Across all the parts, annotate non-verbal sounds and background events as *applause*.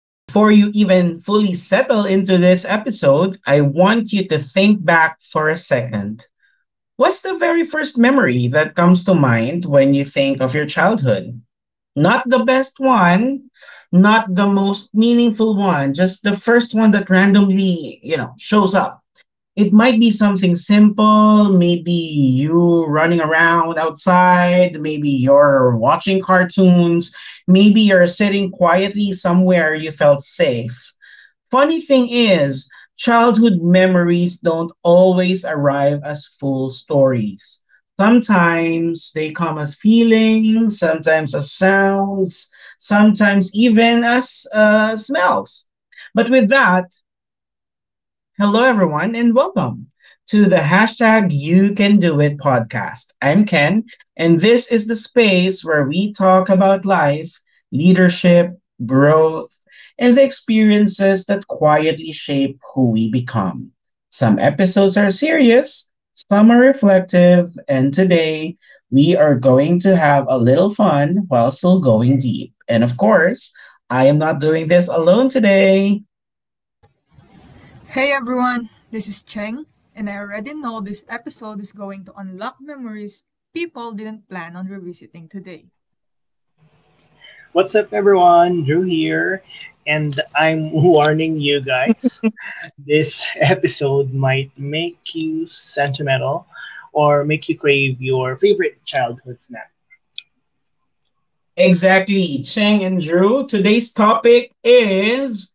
Before you even fully settle into this episode, I want you to think back for a second. What's the very first memory that comes to mind when you think of your childhood? Not the best one, not the most meaningful one, just the first one that randomly, you know, shows up. It might be something simple, maybe you running around outside, maybe you're watching cartoons, maybe you're sitting quietly somewhere you felt safe. Funny thing is, childhood memories don't always arrive as full stories. Sometimes they come as feelings, sometimes as sounds, sometimes even as smells. But with that, hello, everyone, and welcome to the hashtag You Can Do It podcast. I'm Ken, and this is the space where we talk about life, leadership, growth, and the experiences that quietly shape who we become. Some episodes are serious, some are reflective, and today we are going to have a little fun while still going deep. And of course, I am not doing this alone today. Hey everyone, this is Cheng, and I already know this episode is going to unlock memories people didn't plan on revisiting today. What's up, everyone? Drew here, and I'm *laughs* warning you guys this episode might make you sentimental or make you crave your favorite childhood snack. Exactly, Cheng and Drew. Today's topic is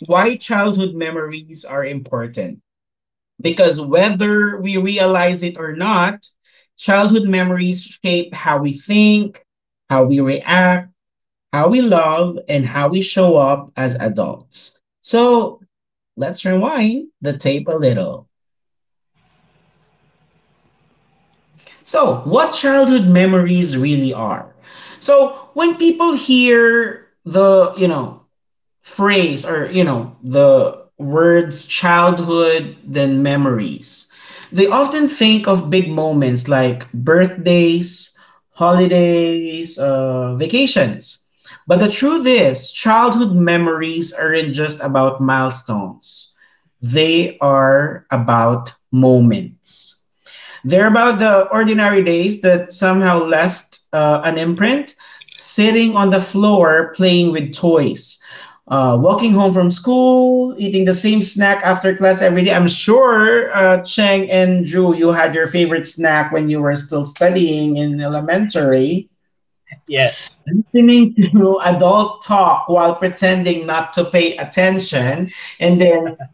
why childhood memories are important. Because whether we realize it or not, childhood memories shape how we think, how we react, how we love, and how we show up as adults. So let's rewind the tape a little. So, what childhood memories really are? So, when people hear the phrase, or you know, the words childhood then memories, they often think of big moments like birthdays, holidays, vacations. But the truth is, childhood memories aren't just about milestones, they are about moments. They're about the ordinary days that somehow left an imprint, sitting on the floor playing with toys, walking home from school, eating the same snack after class every day. I'm sure, Cheng and Drew, you had your favorite snack when you were still studying in elementary. Yes, Listening to *laughs* adult talk while pretending not to pay attention, and then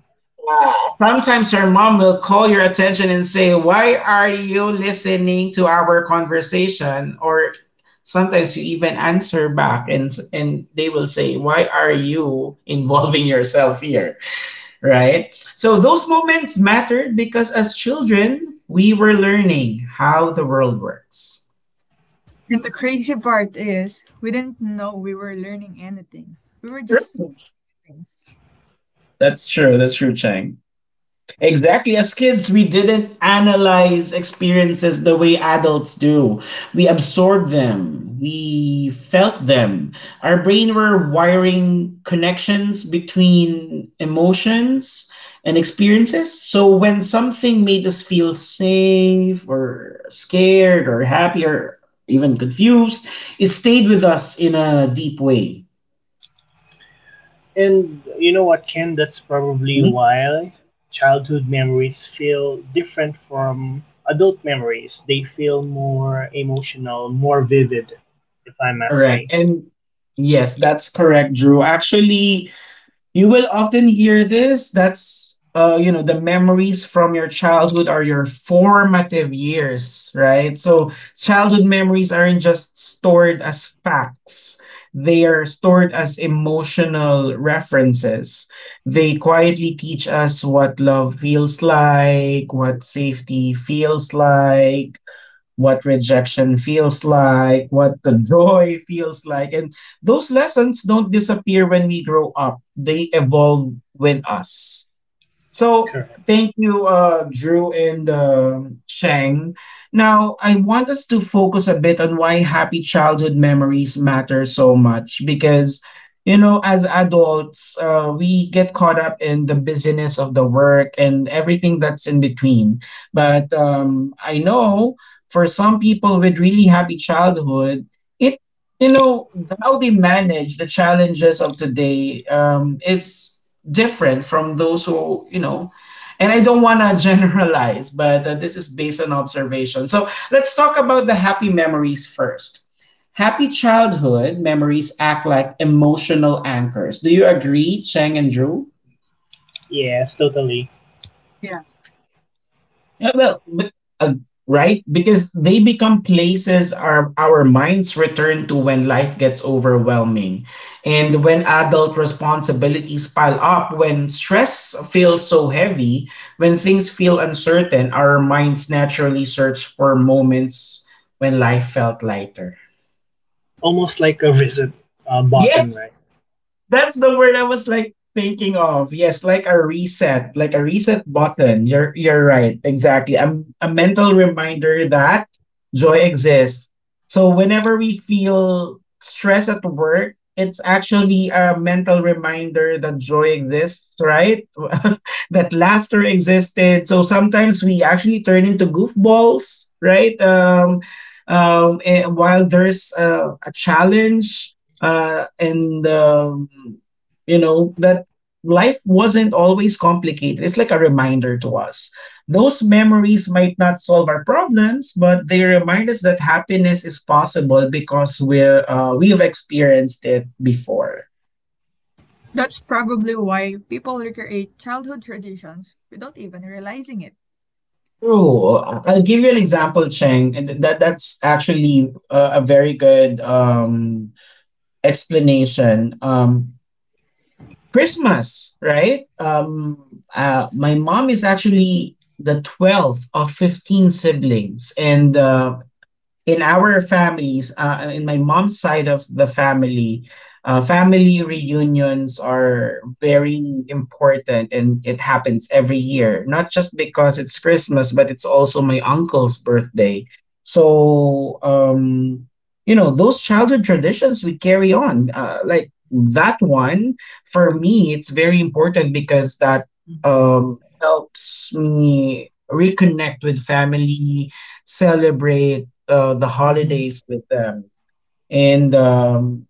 sometimes your mom will call your attention and say, "Why are you listening to our conversation?" Or sometimes you even answer back, and they will say, "Why are you involving yourself here?" Right? So those moments mattered because as children, we were learning how the world works. And the crazy part is, we didn't know we were learning anything. We were just True. learning. That's true. That's true, Chang. Exactly. As kids, we didn't analyze experiences the way adults do. We absorbed them, we felt them. Our brain were wiring connections between emotions and experiences. So when something made us feel safe or scared or happy or even confused, it stayed with us in a deep way. and you know what, Ken? That's probably Mhm. why childhood memories feel different from adult memories. They feel more emotional, more vivid, if I must say. Correct. And yes, that's correct, Drew. Actually, you will often hear this. That's, you know, the memories from your childhood are your formative years, right? So childhood memories aren't just stored as facts. They are stored as emotional references. They quietly teach us what love feels like, what safety feels like, what rejection feels like, what the *laughs* joy feels like. And those lessons don't disappear when we grow up, they evolve with us. So Correct. thank you, Drew and Shang. Now I want us to focus a bit on why happy childhood memories matter so much, because you know, as adults, we get caught up in the busyness of the work and everything that's in between. But I know for some people with really happy childhood, it, you know, how they manage the challenges of today, is different from those who, you know, and I don't want to *laughs* generalize, but this is based on observation. So let's talk about the happy memories first. Happy childhood memories act like emotional anchors. Do you agree, Cheng and Drew? Yes, totally. Yeah. Yeah, well, uh, right? Because they become places our minds return to when life gets overwhelming, and when adult responsibilities pile up, when stress feels so heavy, when things feel uncertain, our minds naturally search for moments when life felt lighter. Almost like a reset button, Yes, right? that's the word I was like thinking of. Yes, like a reset button. You're right. Exactly. A mental reminder that joy exists. So whenever we feel stress at work, it's actually a mental reminder that joy exists, right? *laughs* That laughter existed. So sometimes we actually turn into goofballs, right? While there's, a challenge, and you know, that life wasn't always complicated. It's like a reminder to us those memories might not solve our problems, but they remind us that happiness is possible because we've experienced it before. That's probably why people recreate childhood traditions without even realizing it. True. Will give you an example, Cheng, and that's actually, a very good explanation. Christmas, right? My mom is actually the 12th of 15 siblings. And in our families, in my mom's side of the family, family reunions are very important and it happens every year, not just because it's Christmas, but it's also my uncle's birthday. So, you know, those childhood traditions we carry on. Like that one, for me, it's very important because that helps me reconnect with family, celebrate the Hmm. holidays with them. And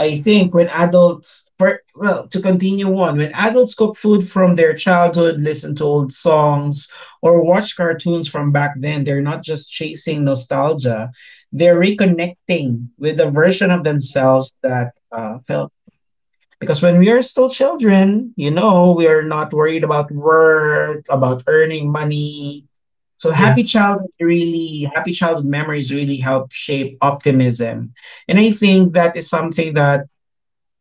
I think when adults, to continue on, when adults cook food from their childhood, listen to old songs, or watch cartoons from back then, they're not just chasing nostalgia, they're reconnecting with a version of Hmm. themselves that felt, because when we are still children, you know, we are not worried about work, about earning money. So happy Yes. childhood, really, happy childhood memories really help shape optimism. And I think that is something that,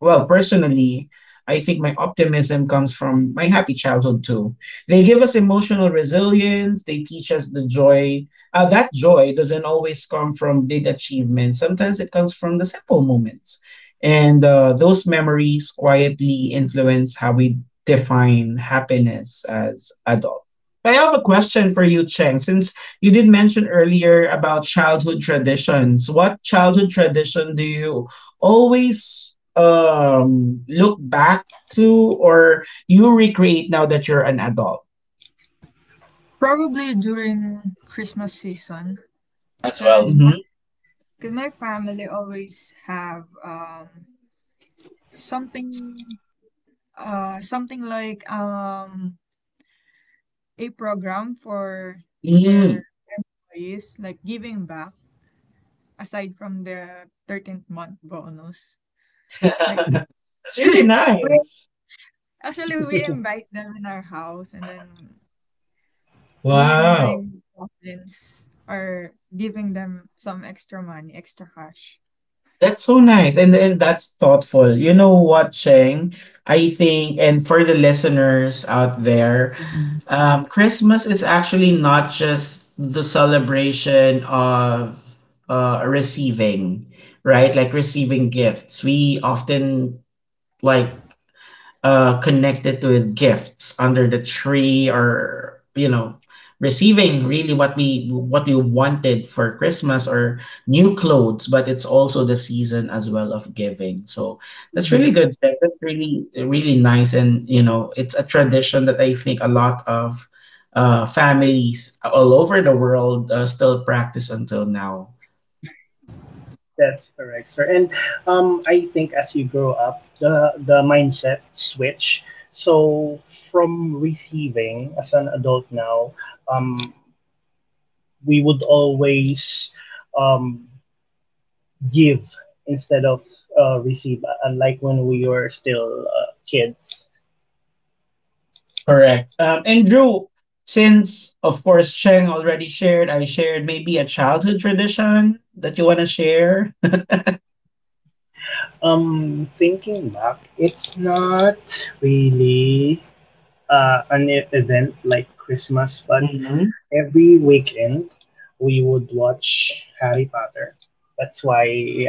well, personally, I think my optimism comes from my happy childhood too. They give us emotional resilience, they teach us the joy. That joy doesn't always come from big achievements, sometimes it comes from the simple moments. And those memories quietly influence how we define happiness as adults. I have a question for you, Cheng. Since you did mention earlier about childhood traditions, what childhood tradition do you always look back to, or you recreate now that you're an adult Probably during Christmas season, as well. because my, Hmm. 'cause my family always have something something like a program for their Mm. employees, like giving back aside from the 13th month bonus. *laughs* Like, That's really we, nice. actually, we *laughs* invite them in our house, and then me and my Wow. cousins are giving them some extra money, extra cash. That's so nice. And then that's thoughtful. You know what, Cheng? I think, and for the listeners out there, Hmm. Christmas is actually not just the celebration of, receiving, right? Like receiving gifts. We often like, connected with gifts under the tree, or you know, receiving really what we, what we wanted for Christmas, or new clothes. But it's also the season as well of giving. So that's Hmm. really good, Jack. That's really, really nice. And you know, it's a tradition that I think a lot of, families all over the world, still practice until now. That's correct, sir. And I think as you grow up, the mindset switch. So from receiving as an adult now, um, we would always um, give instead of receive, unlike when we were still kids. Correct. And Drew, since of course Sheng already shared, I shared, maybe a childhood tradition that you want to share. Thinking back, it's not really an event like Christmas, but Mm-hmm. every weekend we would watch Harry Potter. That's why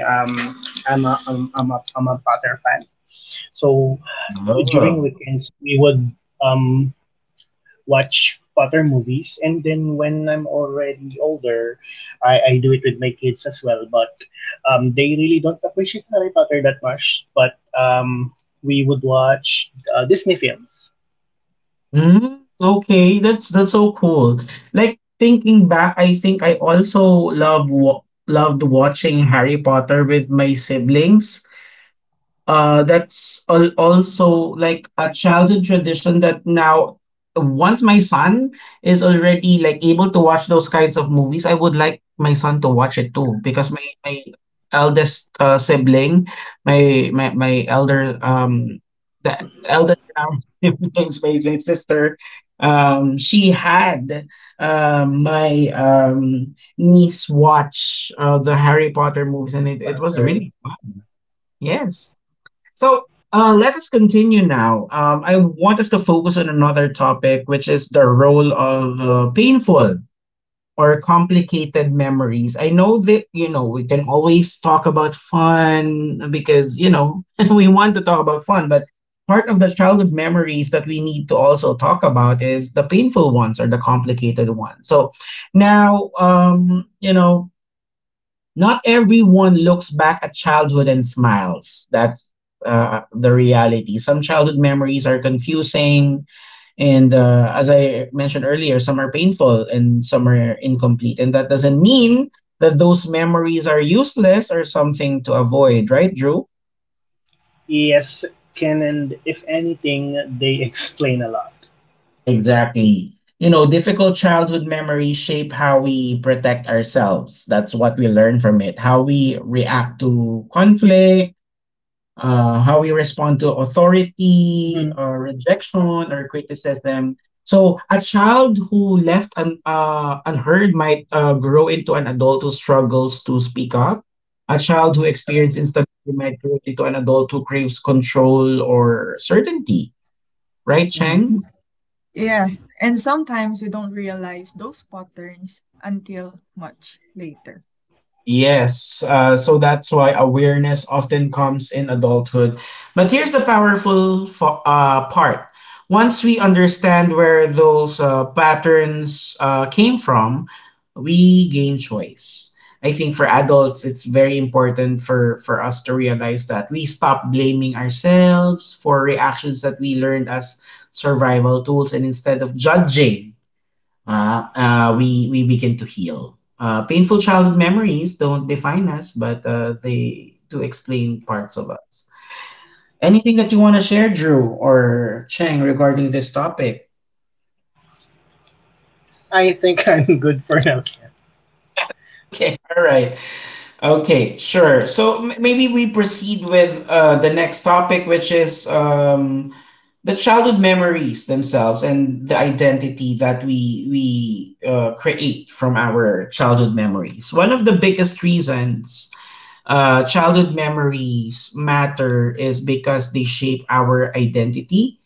um, I'm a Potter fan. So during Oh. weekends we would um, watch Potter movies, and then when I'm already older, I do it with my kids as well. But they really don't appreciate Harry Potter that much. But we would watch Disney films. Mm, okay, that's so cool. Like thinking back, I think I also loved watching Harry Potter with my siblings. Also like a childhood tradition that now, once my son is already like able to watch those kinds of movies, I would like my son to watch it too, because my eldest sibling, my elder the eldest in our *laughs* siblings, my sister, she had my niece watch the Harry Potter movies, and it was Potter. really fun. Yes. So let us continue now. I want us to focus on another topic, which is the role of, painful or complicated memories. I know that, you know, we can always talk about fun because, you know, *laughs* we want to talk about fun, but part of the childhood memories that we need to also talk about is the painful ones or the complicated ones. So now, you know, not everyone looks back at childhood and smiles. That's, the reality. Some childhood memories are confusing, and as I mentioned earlier, some are painful and some are incomplete. And that doesn't mean that those memories are useless or something to avoid, right, Drew? Yes, can and if anything, they explain a lot. Exactly. You know, difficult childhood memories shape how we protect ourselves. That's what we learn from it. How we react to conflict, how we respond to authority Mm-hmm. or That's right. rejection or criticism. So a child who left unheard might grow into an adult who struggles to speak up. A child who Correct. experiences instability might grow into an adult who craves control or certainty. Right, Mm-hmm. Cheng? Yeah, and sometimes we don't realize those patterns until much later. Yes, so that's why awareness often comes in adulthood. But here's the powerful, uh, part. Once we understand where those patterns came from, we gain choice. I think for adults, it's very important for us to realize that we stop blaming ourselves for reactions that we learned as survival tools, and instead of judging uh, we begin to heal. Painful childhood memories don't define us, but they do explain parts of us. Anything that you want to share, Drew or Chang, regarding this topic? *laughs* I think *laughs* I'm good for now, Ken. Okay, all right. Okay, sure. So maybe we proceed with the next topic, which is the childhood memories themselves and the identity that we create from our childhood memories. One of the biggest reasons childhood memories matter is because they shape our identity.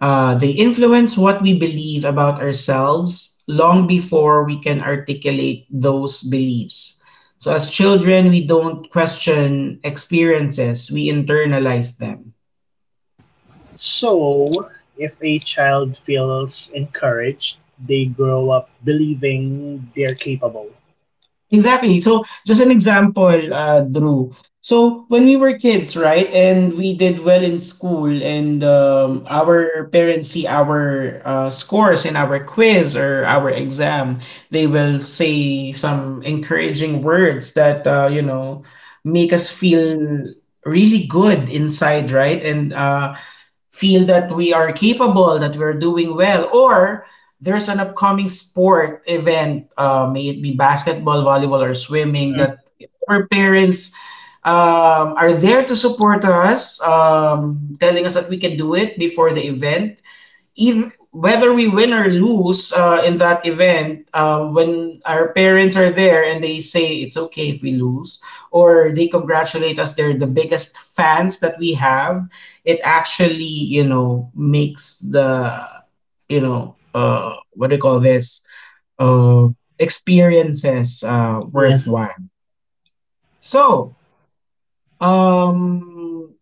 They influence what we believe about ourselves long before we can articulate those beliefs. So, as children, we don't question experiences, we internalize them. So, if a child feels encouraged, they grow up believing they're capable. Exactly. So, just an example, Drew. So, when we were kids, right, and we did well in school, and Mm-hmm. our parents see our scores in our quiz or our exam, they will say some encouraging words that, make us feel really good inside, right? And feel that we are capable, that we're doing well, or there's an upcoming sport event, may it be basketball, volleyball, or swimming, Mm-hmm. that our parents are there to support us, telling us that we can do it before the event if whether we win or lose in that event, when our parents are there and they say it's okay if we lose, or they congratulate us, they're the biggest fans that we have. It actually, you know, makes the, what do you call this, uh, experiences Yes. worthwhile. So, um,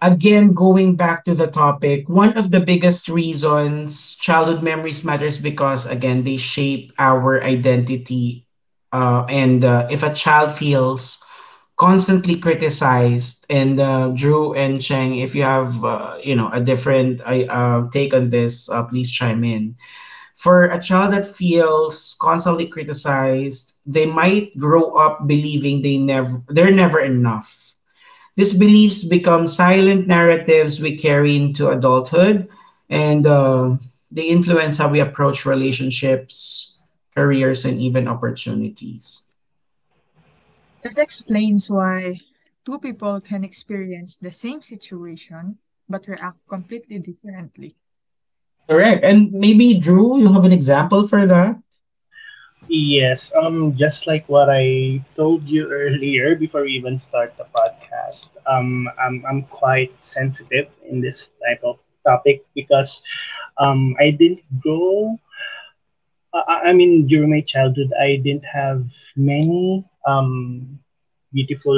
again going back to the topic, one of the biggest reasons childhood memories matters, because again they shape our identity, and if a child feels constantly criticized, and Drew and Cheng, if you have a different take on this, please chime in. For a child that feels constantly criticized, they might grow up believing they're never enough. These beliefs become silent narratives we carry into adulthood, and they influence how we approach relationships, careers, and even opportunities. It explains why two people can experience the same situation but react completely differently. Correct. And maybe, Drew, you have an example for that? Yes. Just like what I told you *laughs* earlier, before we even start the podcast, I'm quite sensitive in this type of topic because I didn't grow. I mean, during my childhood, I didn't have many beautiful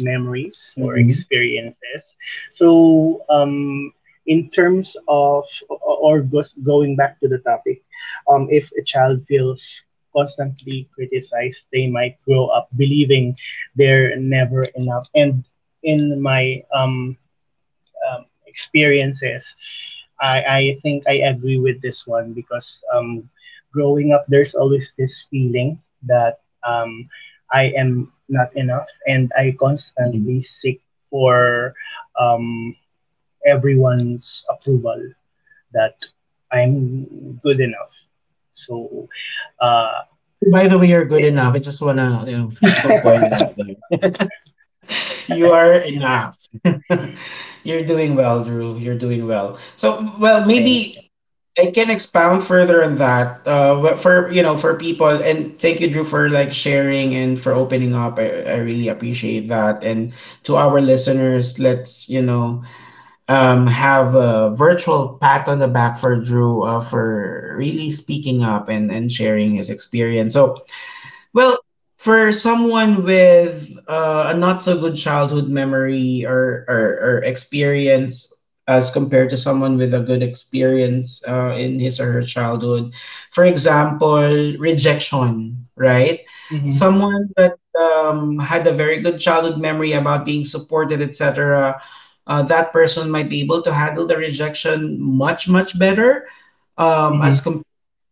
memories or Mhm. experiences. So, in terms of going back to the topic, if a child feels constantly criticized, they might grow up believing they're never enough. And in my experiences, I think I agree with this one because growing up, there's always this feeling that I am not enough and I Mhm. constantly seek for um, everyone's approval that I'm good enough. So, uh, By the way, you're good *laughs* enough. I just want to *laughs* point it out thank there. You are you, sir. enough. *laughs* You're Yeah, doing well, Drew. You're doing well. So, well, thank you. maybe I can expound further on that. But for for people, and thank you, Drew, for like sharing and for opening up. I really appreciate that. And to our listeners, let's have a virtual pat on the back for Drew for really speaking up and sharing his experience. So well, for someone with a not so good childhood memory or or experience as compared to someone with a good experience in his or her childhood, for example, rejection, right? Mm-hmm, Someone that had a very good childhood memory about being supported, etc., that person might be able to handle the rejection much, much better mm-hmm, as compared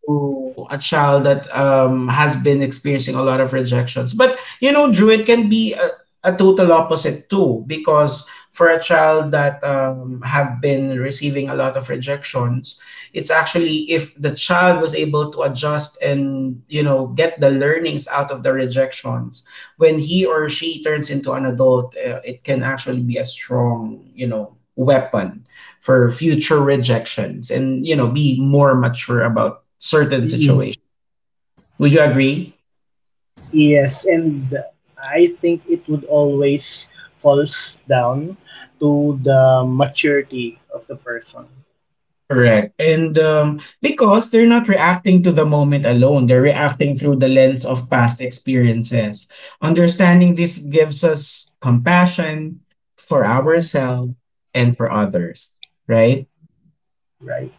to a child that has been experiencing a lot of rejections. But you know, Drew, it can be a total opposite too, because for a child that have been receiving a lot of rejections, it's actually, if the child was able to adjust and you know get the learnings out of the rejections, when he or she turns into an adult, it can actually be a strong you know weapon for future rejections and you know be more mature about certain situations. mm-hmm. Would you agree? Yes, and I think it would always falls down to the maturity of the person. Correct. And because they're not reacting to the moment alone, they're reacting through the lens of past experiences. Understanding this gives us compassion for Mm, ourselves and for others, right? right.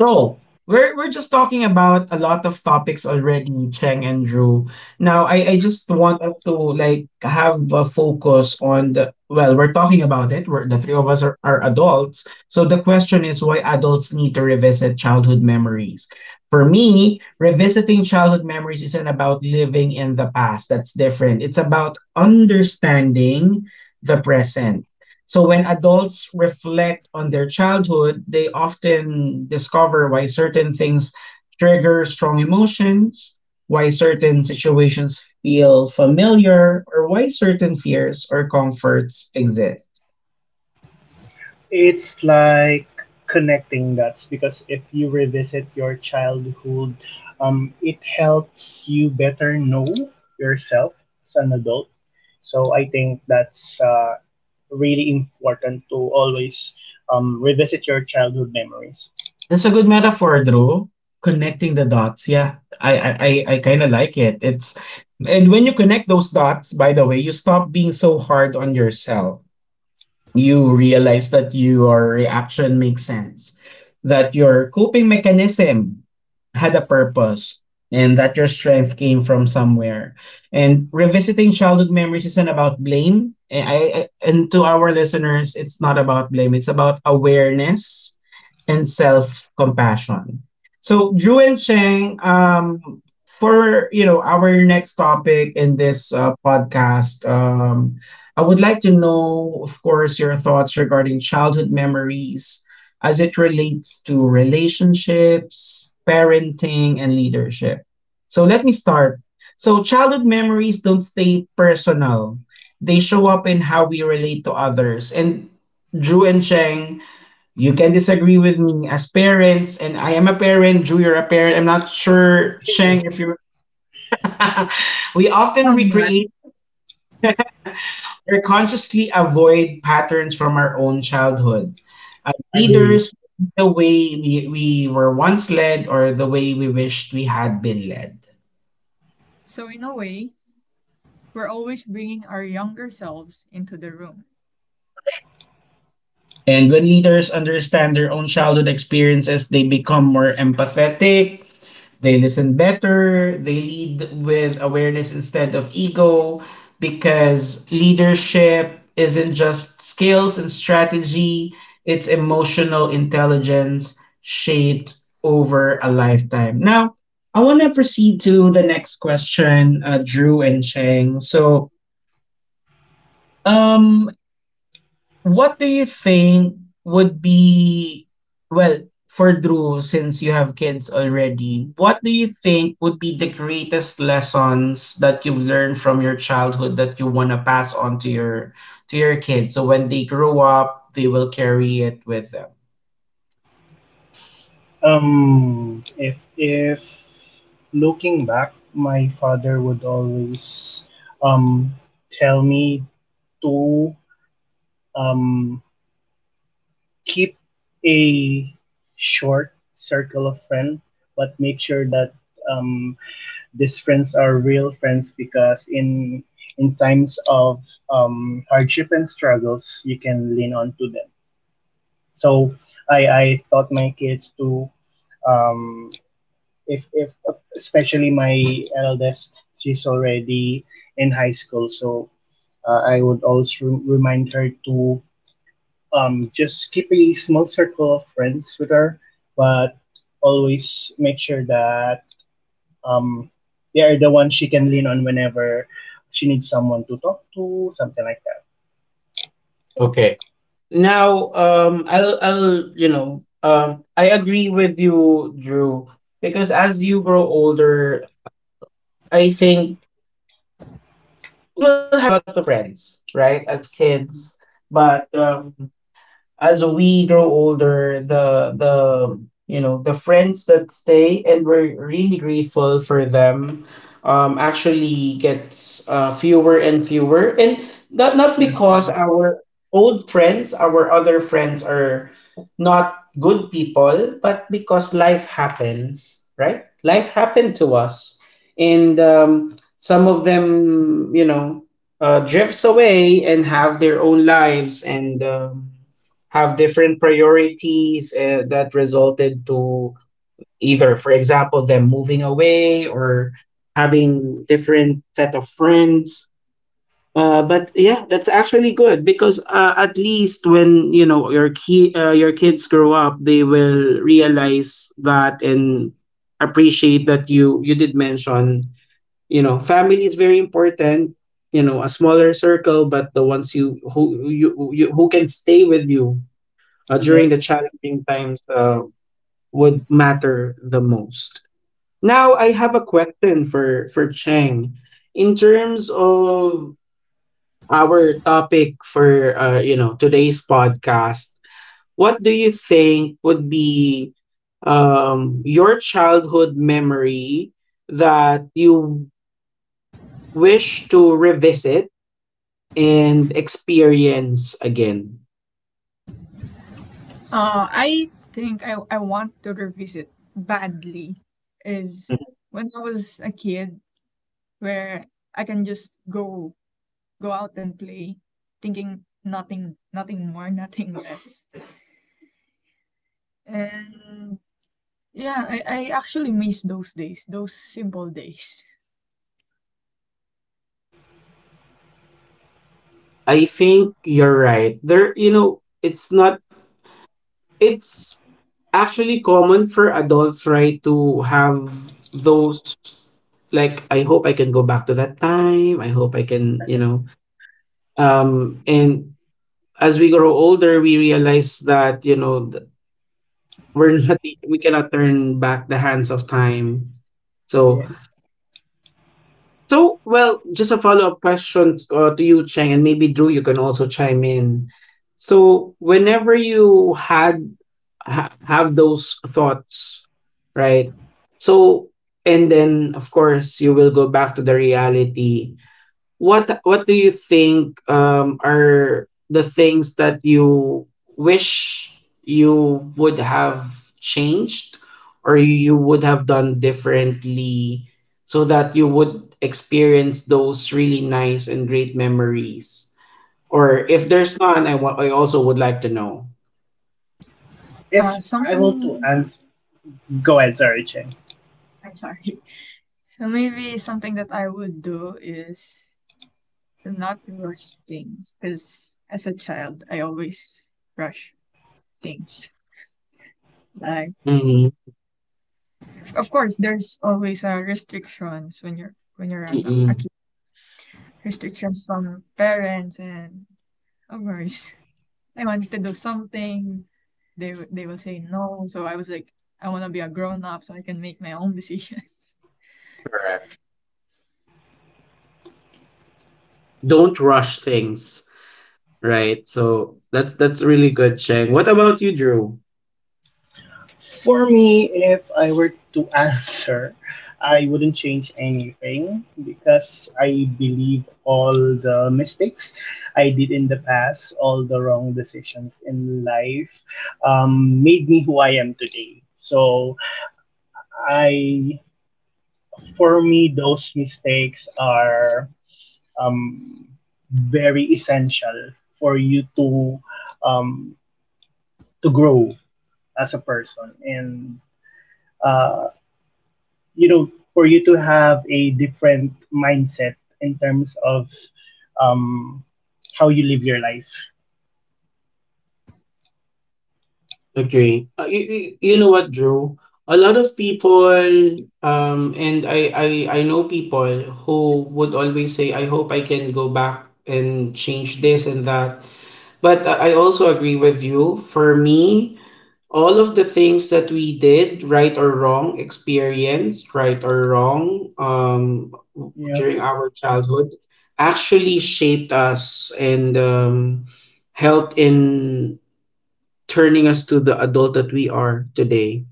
So we're just talking about a lot of topics already, Cheng and Drew. Now I just want us to like have a focus on the, well, we're talking about it. We're the three of us are adults. So the question is why adults need to revisit childhood memories. For me, revisiting childhood memories isn't about living in the past. That's different. It's about understanding the present. So when adults reflect on their childhood, they often discover why certain things trigger strong emotions, why certain situations feel familiar, or why certain fears or comforts exist. It's like connecting dots because if you revisit your childhood, it helps you better know yourself as an adult. So I think that's really important to always revisit your childhood memories. *laughs* That's a good metaphor, Drew. Connecting the dots. Yeah. I kinda like it. It's, and when you connect those dots, by the way, you stop being so hard on yourself. You realize that your reaction makes sense, that your coping mechanism had a purpose, and that your strength came from somewhere. And revisiting childhood memories isn't about blame. And, and to our listeners, it's not about blame, it's about awareness and self compassion. So, Drew and Cheng, for you know our next topic in this podcast, I would like to know, of course, your thoughts regarding childhood memories as it relates to relationships, parenting, and leadership. So let me start. So, childhood memories don't stay personal, they show up in how we relate to others. And Drew and Cheng, you can disagree with me as parents, and I am a parent. Drew, you're a parent. I'm not sure, Cheng, Yes, if you're. *laughs* We often I'm not. recreate or consciously avoid patterns from our own childhood. As agree. leaders, the way we were once led or the way we wished we had been led. So, in a way, we're always bringing our younger selves into the room. And when leaders understand their own childhood experiences, they become more empathetic. They listen better, they lead with awareness instead of ego, because leadership isn't just skills and strategy, it's emotional intelligence shaped over a lifetime. Now, I want to proceed to the next question, Drew and Cheng. So, um, what do you think would be, well, for Drew, since you have kids already, what do you think would be the greatest lessons that you've learned from your childhood that you want to pass on to your kids? So when they grow up, they will carry it with them. If looking back, my father would always um tell me to um keep a short circle of friends, but make sure that um these friends are real friends because in times of hardship and struggles, you can lean on to them. So I taught my kids to um if especially my eldest, she's already in high school, so I would also remind her to just keep a small circle of friends with her, but always make sure that um, they are the ones she can lean on whenever she needs someone to talk to, something like that. Okay. Now, I'll, you know, I agree with you, Drew, because as you grow older, I think we will have lots of friends, right, as kids, but as we grow older, the you know the friends that stay and we're really grateful for them actually gets fewer and fewer, and not Yes, I because agree. our old friends, our other friends are not good people, but because life happens, right? Life happened to us, and some of them, you know, drifts away and have their own That's lives, correct. and. Have different priorities that resulted to either, for example, them moving away or having different set of friends. But yeah, that's actually good because at least when you know your kids grow up, they will realize that and appreciate that you did mention you know family is very important. You know, a smaller circle, but the ones you who you who can stay with you during Yes. the challenging times would matter the most. Now, I have a question for Cheng. In terms of our topic for today's podcast, what do you think would be your childhood memory that you wish to revisit and experience again? I think I want to revisit badly is when I was a kid where I can just go out and play thinking nothing more *laughs* nothing less, and yeah, I actually miss those days, those simple days. I think you're right. There, you know, it's not, it's actually common for adults, right, to have those, like I hope I can go back to that time. I hope I can, you know. And as we grow older, we realize that, you know, we're *laughs* not we cannot turn back the hands of time. So Yes. so well, just a follow-up question to you, Cheng, and maybe Drew, you can also chime in. So whenever you had have those thoughts, right? So, and then of course you will go back to the reality. What do you think are the things that you wish you would have changed or you would have done differently so that you would experience those really nice and great memories? Or if there's none, I also would like to know. if Uh, I were to something, answer Go ahead, sorry Chen. I'm sorry. *laughs* So maybe something that I would do is to not rush things. Because as a child, I always rush things. Like, Mm-hmm. of course, there's always restrictions when you're a Mm-hmm. kid. Restrictions from parents and of course I wanted to do something, they will say no. So I was like, I want to be a grown up so I can make my own decisions. Don't rush things, right? So that's really good, Sheng. What about you, Drew? For me, if I were to *laughs* answer, I wouldn't change anything because I believe all the mistakes I did in the past, all the wrong decisions in life, made me who I am today. So I, for me, those mistakes are um, very essential for you um, to grow as a person. And uh, you know, for you to have a different mindset in terms of um how you live your life. Agree. You know what, Drew? A lot of people, and I know people who would always say, "I hope I can go back and change this and that." But I also agree with you. For me, all of the things that we did, right or wrong, experienced, right or wrong, Yeah. during our childhood, actually shaped us and helped in turning us to the adult that we are today.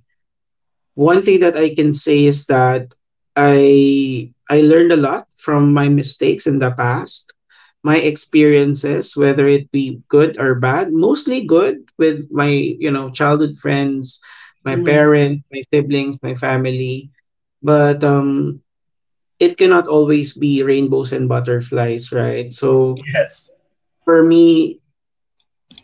One thing that I can say is that I learned a lot from my mistakes in the past. My experiences, whether it be good or bad, mostly good with my, you know, childhood friends, my Hmm. parents, my siblings, my family. But it cannot always be rainbows and butterflies, right? So Yes. for me,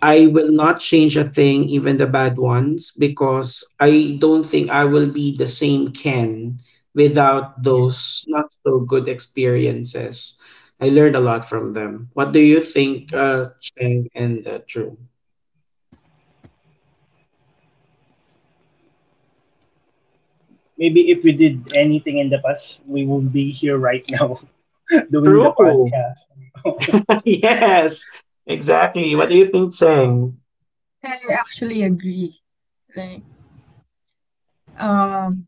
I will not change a thing, even the bad ones, because I don't think I will be the same Ken without Yes, those not so good experiences. I learned a lot from them. What do you we think, won't, Cheng and True? maybe if we did anything in the past we won't be here right now *laughs* doing the True. podcast. *laughs* *laughs* Yes, exactly. What do you think, Cheng? *laughs* I actually agree. Like, um,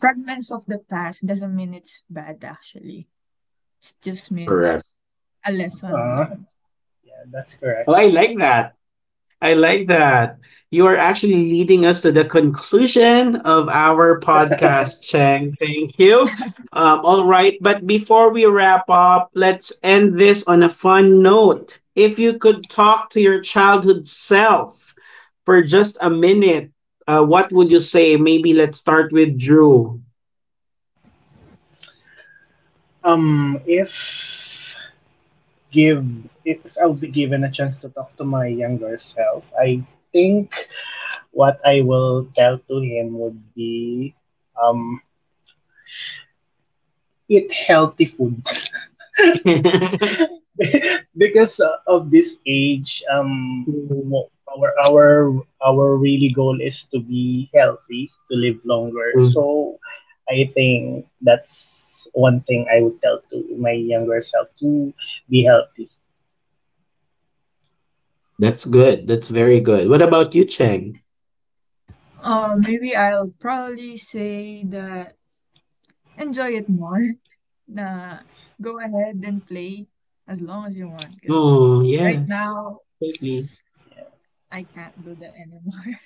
fragments of the past doesn't mean it's bad. Actually, it just Correct. means a lesson Ah, learned. yeah, that's correct. Oh, I like that. I like that. You are actually leading us to the conclusion of our *laughs* podcast, Cheng. Thank you. All right, but before we wrap up, let's end this on a fun note. If you could talk to your childhood self for just a minute, what would you say? Maybe let's start with Drew. um if give if I'll be given a chance to talk to my younger self, I think what I will tell to him would be um, eat healthy food *laughs* *laughs* because of this age, our our really goal is to be healthy, to live longer. Mm, So I think that's one thing I would tell to my younger self, to be healthy. that's good. That's very good. What about you, Cheng? Maybe I'll probably say that enjoy it more. *laughs* Nah, go ahead and play as long as you want. Because Oh, right yes. now I can't do that anymore.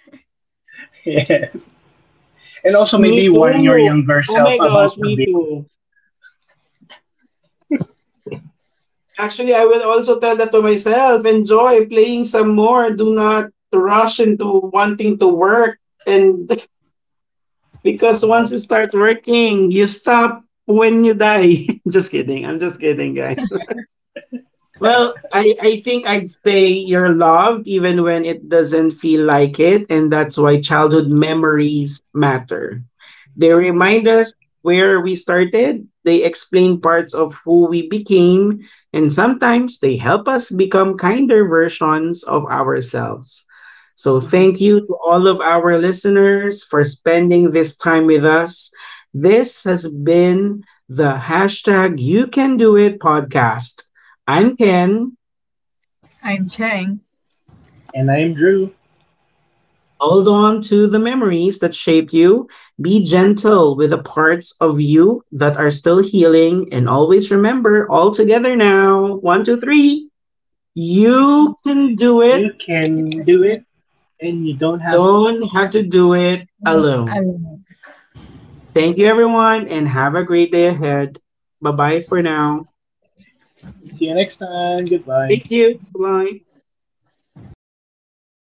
*laughs* And also Me maybe warn your too. younger Oh my self about gosh, the me too. bills. Actually, I will also tell that to myself. Enjoy playing some more. Do not rush into wanting to work. And *laughs* because Yes. once you start working, you stop when you die. *laughs* Just kidding. I'm just kidding, *laughs* guys. Well, I think I'd say you're loved even when it doesn't feel like it. And that's why childhood memories matter. They remind Yes. us where we started, they explain parts of who we became, and sometimes they help us become kinder versions of ourselves. So, Mhm. thank you to all of our listeners for spending this time with us. This has been the #YouCanDoIt podcast and can *laughs* I'm Cheng. And I'm Drew. hold on to the memories that shaped you. Be gentle with the parts of you that are still healing, and always remember, all together now. One, two, three. You can You can do You it. can get the do it, and you don't have to Don't do have it to alone. do it I alone. mean, Thank you, everyone, and have a great day ahead. Bye bye for now. See you next time. Goodbye. Thank you. Bye. Bye.